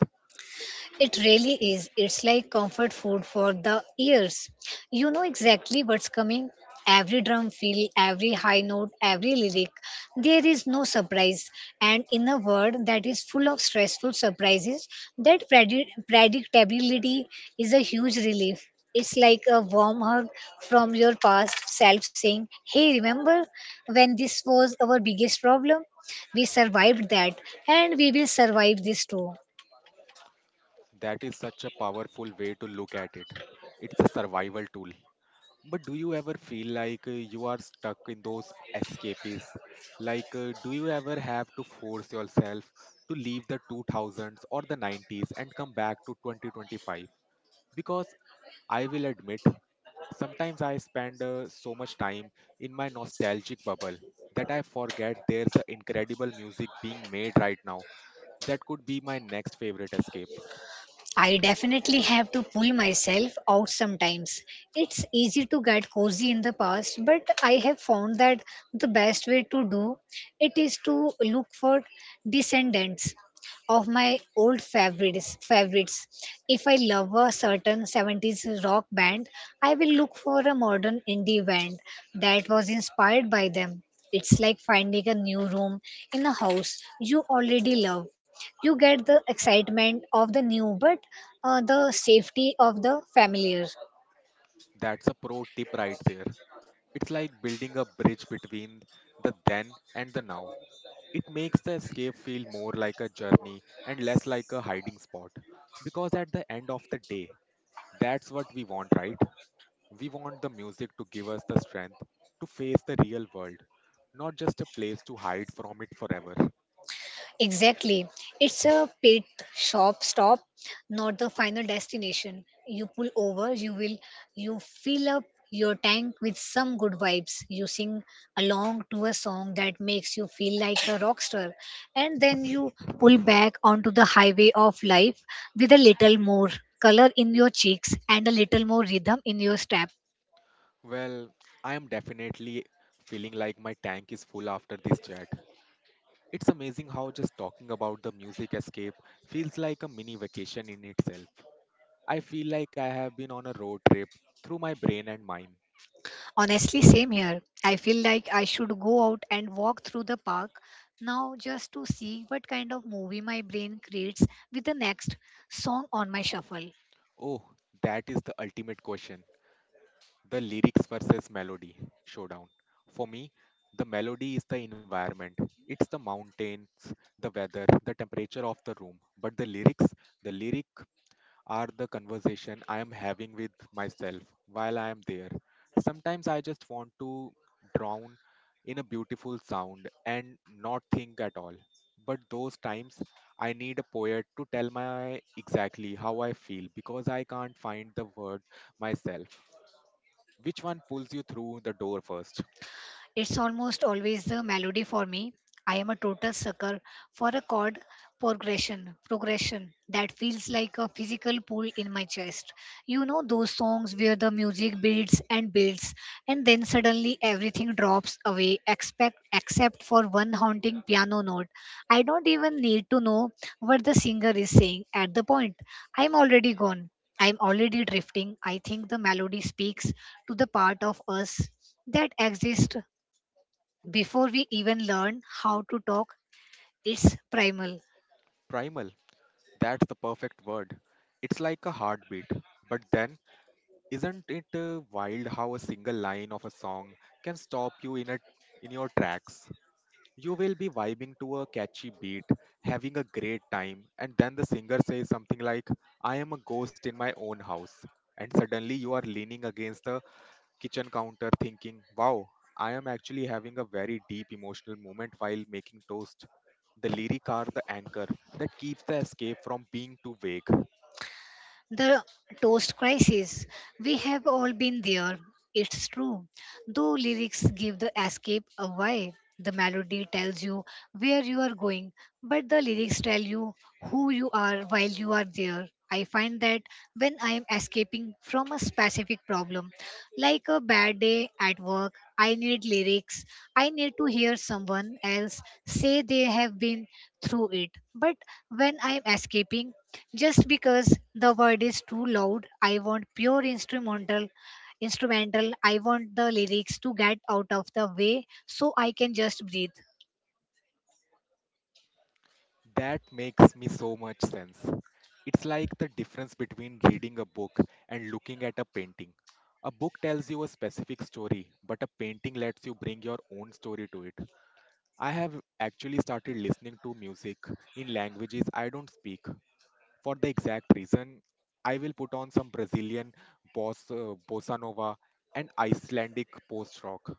[SPEAKER 2] It really is. It's like comfort food for the ears. You know exactly what's coming. Every drum fill, every high note, every lyric. There is no surprise. And in a world that is full of stressful surprises, that predi- predictability is a huge relief. It's like a warm hug from your past self saying, "Hey, remember when this was our biggest problem? We survived that, and we will survive this too."
[SPEAKER 1] That is such a powerful way to look at it. It's a survival tool. But do you ever feel like you are stuck in those escapes? Like, do you ever have to force yourself to leave the 2000s or the 90s and come back to 2025? Because I will admit, sometimes I spend so much time in my nostalgic bubble that I forget there's a incredible music being made right now that could be my next favorite escape.
[SPEAKER 2] I definitely have to pull myself out sometimes. It's easy to get cozy in the past, but I have found that the best way to do it is to look for descendants of my old favorites. If I love a certain 70s rock band, I will look for a modern indie band that was inspired by them. It's like finding a new room in a house you already love. You get the excitement of the new but the safety of the familiar.
[SPEAKER 1] That's a pro tip right there. It's like building a bridge between the then and the now. It makes the escape feel more like a journey and less like a hiding spot. Because at the end of the day, that's what we want, right? We want the music to give us the strength to face the real world, not just a place to hide from it forever.
[SPEAKER 2] Exactly, it's a pit shop stop, not the final destination. You pull over, you will, you fill up your tank with some good vibes, you sing along to a song that makes you feel like a rock star, and then you pull back onto the highway of life with a little more color in your cheeks and a little more rhythm in your step.
[SPEAKER 1] Well, I am definitely feeling like my tank is full after this chat. It's amazing how just talking about the music escape feels like a mini vacation in itself. I feel like I have been on a road trip through my brain and mind.
[SPEAKER 2] Honestly, same here. I feel like I should go out and walk through the park now just to see what kind of movie my brain creates with the next song on my shuffle.
[SPEAKER 1] Oh, that is the ultimate question. The lyrics versus melody showdown. For me, the melody is the environment. It's the mountains, the weather, the temperature of the room. But the lyrics, the lyric are the conversation I am having with myself while I am there. Sometimes I just want to drown in a beautiful sound and not think at all. But those times I need a poet to tell my exactly how I feel because I can't find the word myself. Which one pulls you through the door first?
[SPEAKER 2] It's almost always the melody for me. I am a total sucker for a progression that feels like a physical pull in my chest. You know those songs where the music builds and builds, and then suddenly everything drops away, expect except for one haunting piano note. I don't even need to know what the singer is saying at the point. I'm already gone. I'm already drifting. I think the melody speaks to the part of us that exists before we even learn how to talk. It's primal.
[SPEAKER 1] Primal, that's the perfect word. It's like a heartbeat. But then isn't it wild how a single line of a song can stop you in your tracks? You will be vibing to a catchy beat, having a great time, and then the singer says something like, "I am a ghost in my own house," and suddenly you are leaning against the kitchen counter, thinking, "Wow, I am actually having a very deep emotional moment while making toast." The lyric are the anchor that keeps the escape from being too vague.
[SPEAKER 2] The toast crisis. We have all been there. It's true. Though lyrics give the escape away, the melody tells you where you are going, but the lyrics tell you who you are while you are there. I find that when I am escaping from a specific problem, like a bad day at work, I need lyrics. I need to hear someone else say they have been through it. But when I'm escaping, just because the word is too loud, I want pure instrumental. I want the lyrics to get out of the way so I can just breathe.
[SPEAKER 1] That makes me so much sense. It's like the difference between reading a book and looking at a painting. A book tells you a specific story, but a painting lets you bring your own story to it. I have actually started listening to music in languages I don't speak for the exact reason. I will put on some Brazilian bossa nova and Icelandic post rock.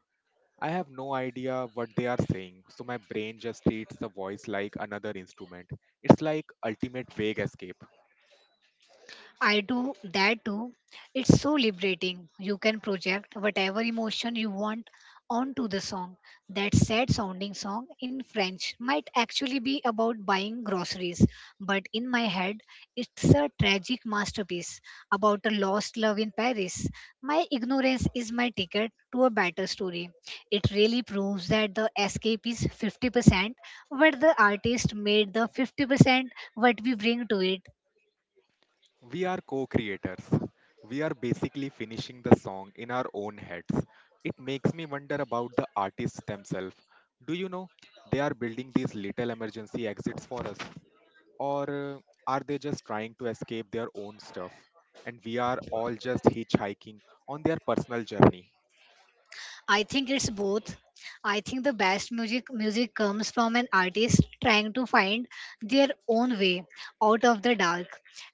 [SPEAKER 1] I have no idea what they are saying, so my brain just treats the voice like another instrument. It's like ultimate vague escape.
[SPEAKER 2] I do that too. It's so liberating. You can project whatever emotion you want onto the song. That sad sounding song in French might actually be about buying groceries, but in my head, it's a tragic masterpiece about a lost love in Paris. My ignorance is my ticket to a better story. It really proves that the escape is 50%, where the artist made the 50% what we bring to it.
[SPEAKER 1] We are co-creators. We are basically finishing the song in our own heads. It makes me wonder about the artists themselves. Do you know they are building these little emergency exits for us or are they just trying to escape their own stuff and we are all just hitchhiking on their personal journey?
[SPEAKER 2] I think it's both. I think the best music comes from an artist trying to find their own way out of the dark.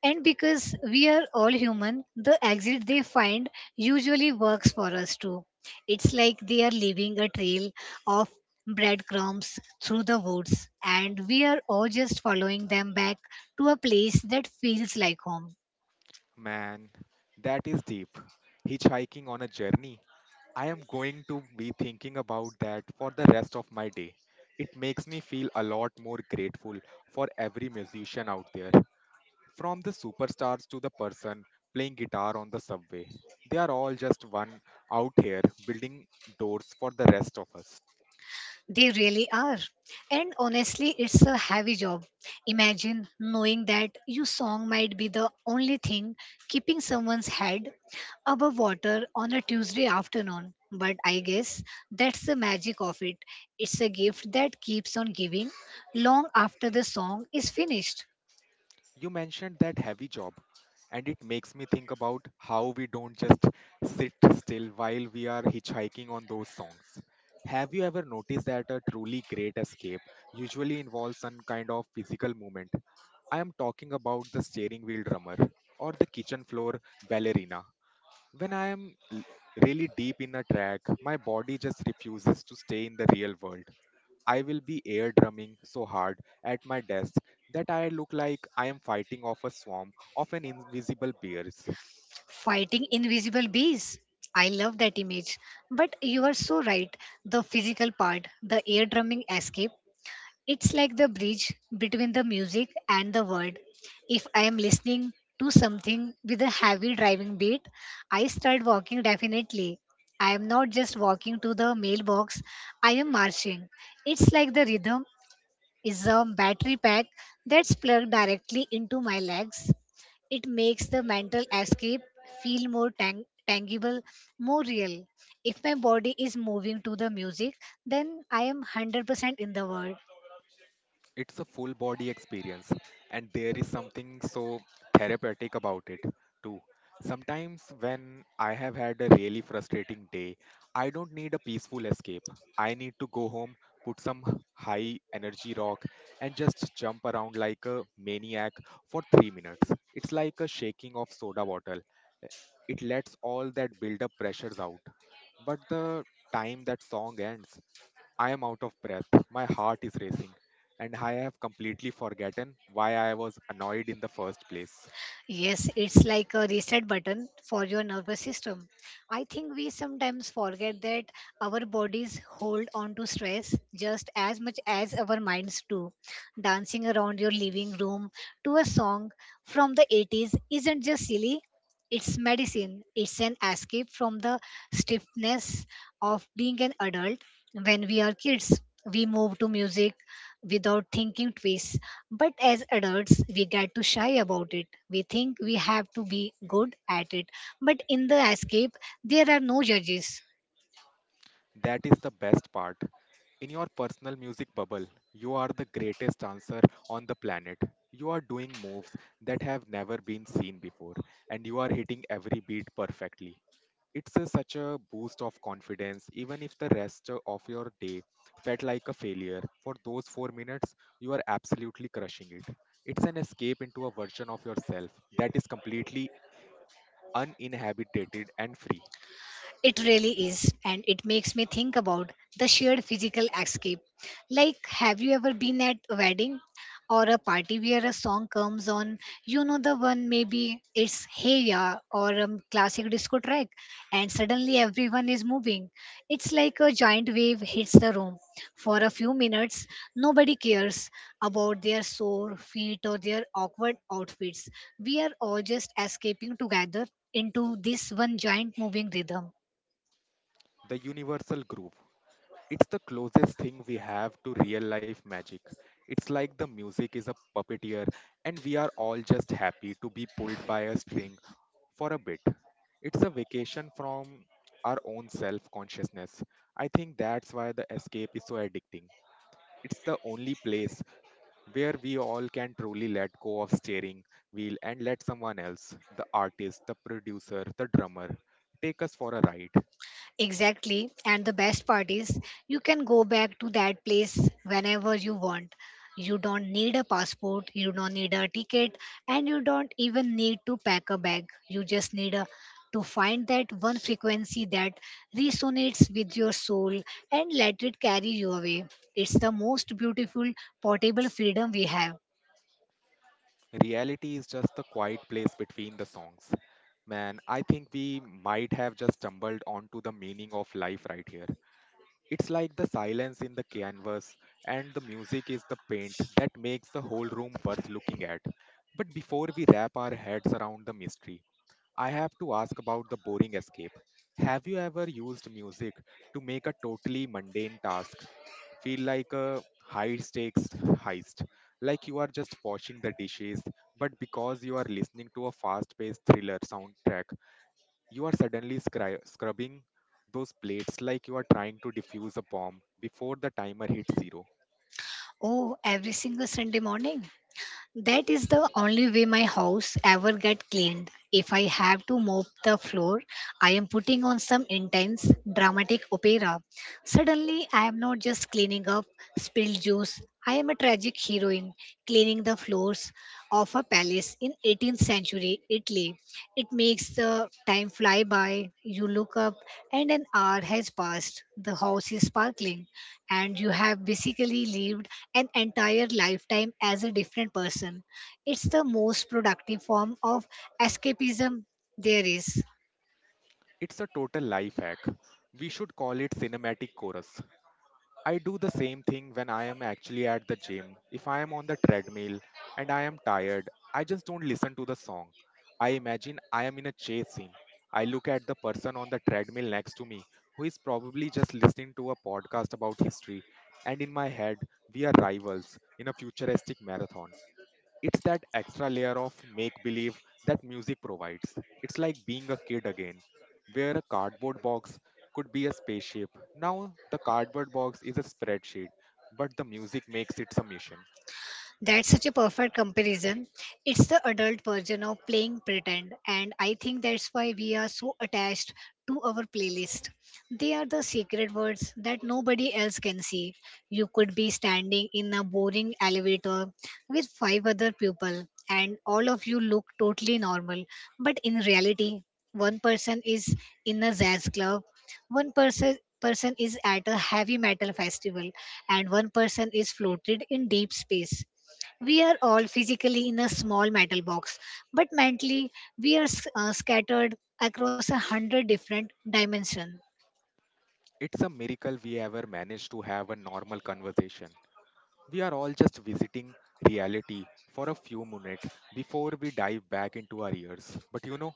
[SPEAKER 2] And because we are all human, the exit they find usually works for us too. It's like they are leaving a trail of breadcrumbs through the woods, and we are all just following them back to a place that feels like home.
[SPEAKER 1] Man, that is deep. Hitchhiking on a journey. I am going to be thinking about that for the rest of my day. It makes me feel a lot more grateful for every musician out there. From the superstars to the person playing guitar on the subway. They are all just one out here building doors for the rest of us.
[SPEAKER 2] They really are. And honestly, it's a heavy job. Imagine knowing that your song might be the only thing keeping someone's head above water on a Tuesday afternoon. But I guess that's the magic of it. It's a gift that keeps on giving long after the song is finished.
[SPEAKER 1] You mentioned that heavy job, and it makes me think about how we don't just sit still while we are hitchhiking on those songs. Have you ever noticed that a truly great escape usually involves some kind of physical movement? I am talking about the steering wheel drummer or the kitchen floor ballerina. When I am really deep in a track, my body just refuses to stay in the real world. I will be air drumming so hard at my desk that I look like I am fighting off a swarm of an invisible bears.
[SPEAKER 2] Fighting invisible bees. I love that image. But you are so right. The physical part, the ear drumming escape. It's like the bridge between the music and the world. If I am listening to something with a heavy driving beat, I start walking definitely. I am not just walking to the mailbox, I am marching. It's like the rhythm is a battery pack that's plugged directly into my legs. It makes the mental escape feel tangible, more real. If my body is moving to the music, then I am 100% in the world.
[SPEAKER 1] It's a full body experience, and there is something so therapeutic about it, too. Sometimes, when I have had a really frustrating day, I don't need a peaceful escape. I need to go home, put some high energy rock, and just jump around like a maniac for 3 minutes. It's like a shaking of soda bottle. Eh, it lets all that build up pressures out. But the time that song ends, I am out of breath, my heart is racing, and I have completely forgotten why I was annoyed in the first place.
[SPEAKER 2] Yes, it's like a reset button for your nervous system. I think we sometimes forget that our bodies hold on to stress just as much as our minds do. Dancing around your living room to a song from the 80s isn't just silly, it's medicine. It's an escape from the stiffness of being an adult. When we are kids, we move to music without thinking twice, but as adults, we get to shy about it. We think we have to be good at it. But in the escape, there are no judges.
[SPEAKER 1] That is the best part. In your personal music bubble, you are the greatest dancer on the planet. You are doing moves that have never been seen before, and you are hitting every beat perfectly. It's a, such a boost of confidence, even if the rest of your day felt like a failure. For those 4 minutes, you are absolutely crushing it. It's an escape into a version of yourself that is completely uninhabited and free.
[SPEAKER 2] It really is, and it makes me think about the shared physical escape. Like, have you ever been at a wedding or a party where a song comes on? You know, the one, maybe it's Hey Ya or a classic disco track, and suddenly everyone is moving. It's like a giant wave hits the room. For a few minutes, nobody cares about their sore feet or their awkward outfits. We are all just escaping together into this one giant moving rhythm.
[SPEAKER 1] The universal groove. It's the closest thing we have to real life magic. It's like the music is a puppeteer, and we are all just happy to be pulled by a string for a bit. It's a vacation from our own self consciousness. I think that's why the escape is so addicting. It's the only place where we all can truly let go of steering wheel and let someone else, the artist, the producer, the drummer, take us for a ride.
[SPEAKER 2] Exactly. And the best part is, you can go back to that place whenever you want. You don't need a passport, you don't need a ticket, and you don't even need to pack a bag. You just need a, to find that one frequency that resonates with your soul and let it carry you away. It's the most beautiful portable freedom we have.
[SPEAKER 1] Reality is just the quiet place between the songs. Man, I think we might have just stumbled onto the meaning of life right here. It's like the silence in the canvas and the music is the paint that makes the whole room worth looking at. But before we wrap our heads around the mystery, I have to ask about the boring escape. Have you ever used music to make a totally mundane task feel like a high stakes heist? Like you are just washing the dishes, but because you are listening to a fast paced thriller soundtrack, you are suddenly scrubbing those plates like you are trying to defuse a bomb before the timer hits zero.
[SPEAKER 2] Oh, every single Sunday morning. That is the only way my house ever get cleaned. If I have to mop the floor, I am putting on some intense dramatic opera. Suddenly, I am not just cleaning up spilled juice. I am a tragic heroine cleaning the floors of a palace in 18th century Italy. It makes the time fly by. You look up and an hour has passed. The house is sparkling and you have basically lived an entire lifetime as a different person. It's the most productive form of escapism there is.
[SPEAKER 1] It's a total life hack. We should call it cinematic chorus. I do the same thing when I am actually at the gym. If I am on the treadmill and I am tired, I just don't listen to the song. I imagine I am in a chase scene. I look at the person on the treadmill next to me who is probably just listening to a podcast about history, and in my head, we are rivals in a futuristic marathon. It's that extra layer of make believe that music provides. It's like being a kid again, where a cardboard box could be a spaceship. Now, the cardboard box is a spreadsheet, but the music makes it a mission.
[SPEAKER 2] That's such a perfect comparison. It's the adult version of playing pretend, and I think that's why we are so attached to our playlist. They are the secret words that nobody else can see. You could be standing in a boring elevator with five other people, and all of you look totally normal, but in reality, one person is in a jazz club, one person is at a heavy metal festival, and one person is floated in deep space. We are all physically in a small metal box, but mentally we are scattered across a hundred different dimensions.
[SPEAKER 1] It's a miracle we ever managed to have a normal conversation. We are all just visiting reality for a few minutes before we dive back into our ears. But you know,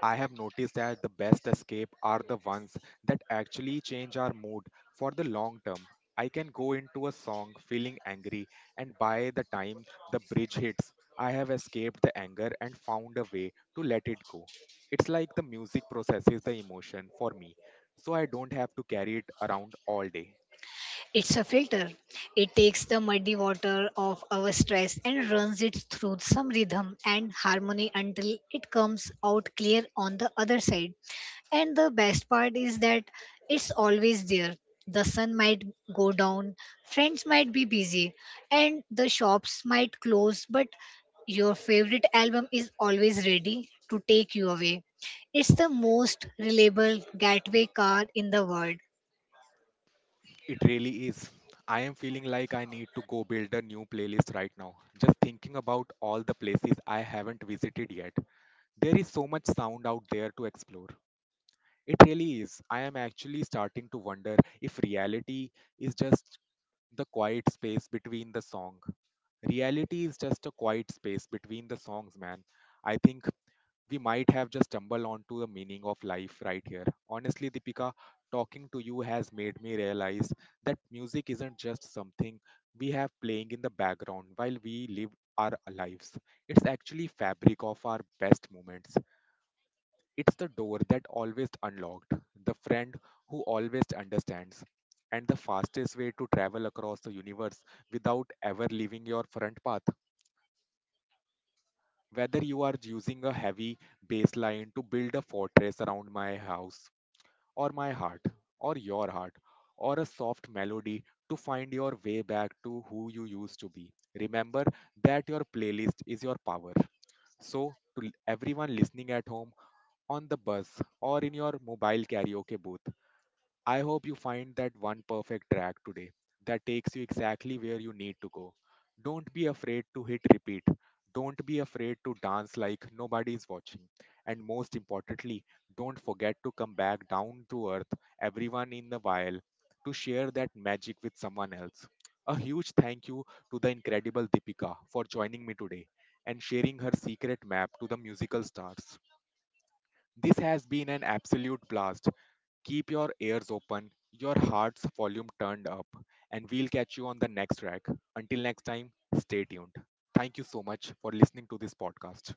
[SPEAKER 1] I have noticed that the best escape are the ones that actually change our mood for the long term. I can go into a song feeling angry, and by the time the bridge hits, I have escaped the anger and found a way to let it go. It's like the music processes the emotion for me, so I don't have to carry it around all day.
[SPEAKER 2] It's a filter. It takes the muddy water of our stress and runs it through some rhythm and harmony until it comes out clear on the other side. And the best part is that it's always there. The sun might go down, friends might be busy, and the shops might close, but your favorite album is always ready to take you away. It's the most reliable getaway car in the world.
[SPEAKER 1] It really is. I am feeling like I need to go build a new playlist right now. Just thinking about all the places I haven't visited yet. There is so much sound out there to explore. It really is. I am actually starting to wonder if reality is just the quiet space between the song. Reality is just a quiet space between the songs, man. I think we might have just stumbled onto the meaning of life right here. Honestly, Deepika, talking to you has made me realize that music isn't just something we have playing in the background while we live our lives. It's actually fabric of our best moments. It's the door that always unlocked, the friend who always understands, and the fastest way to travel across the universe without ever leaving your front path. Whether you are using a heavy baseline to build a fortress around my house, or my heart, or your heart, or a soft melody to find your way back to who you used to be, remember that your playlist is your power. So, to everyone listening at home, on the bus, or in your mobile karaoke booth, I hope you find that one perfect track today that takes you exactly where you need to go. Don't be afraid to hit repeat. Don't be afraid to dance like nobody is watching. And most importantly, don't forget to come back down to earth, everyone in the while, to share that magic with someone else. A huge thank you to the incredible Deepika for joining me today and sharing her secret map to the musical stars. This has been an absolute blast. Keep your ears open, your heart's volume turned up, and we'll catch you on the next track. Until next time, stay tuned. Thank you so much for listening to this podcast.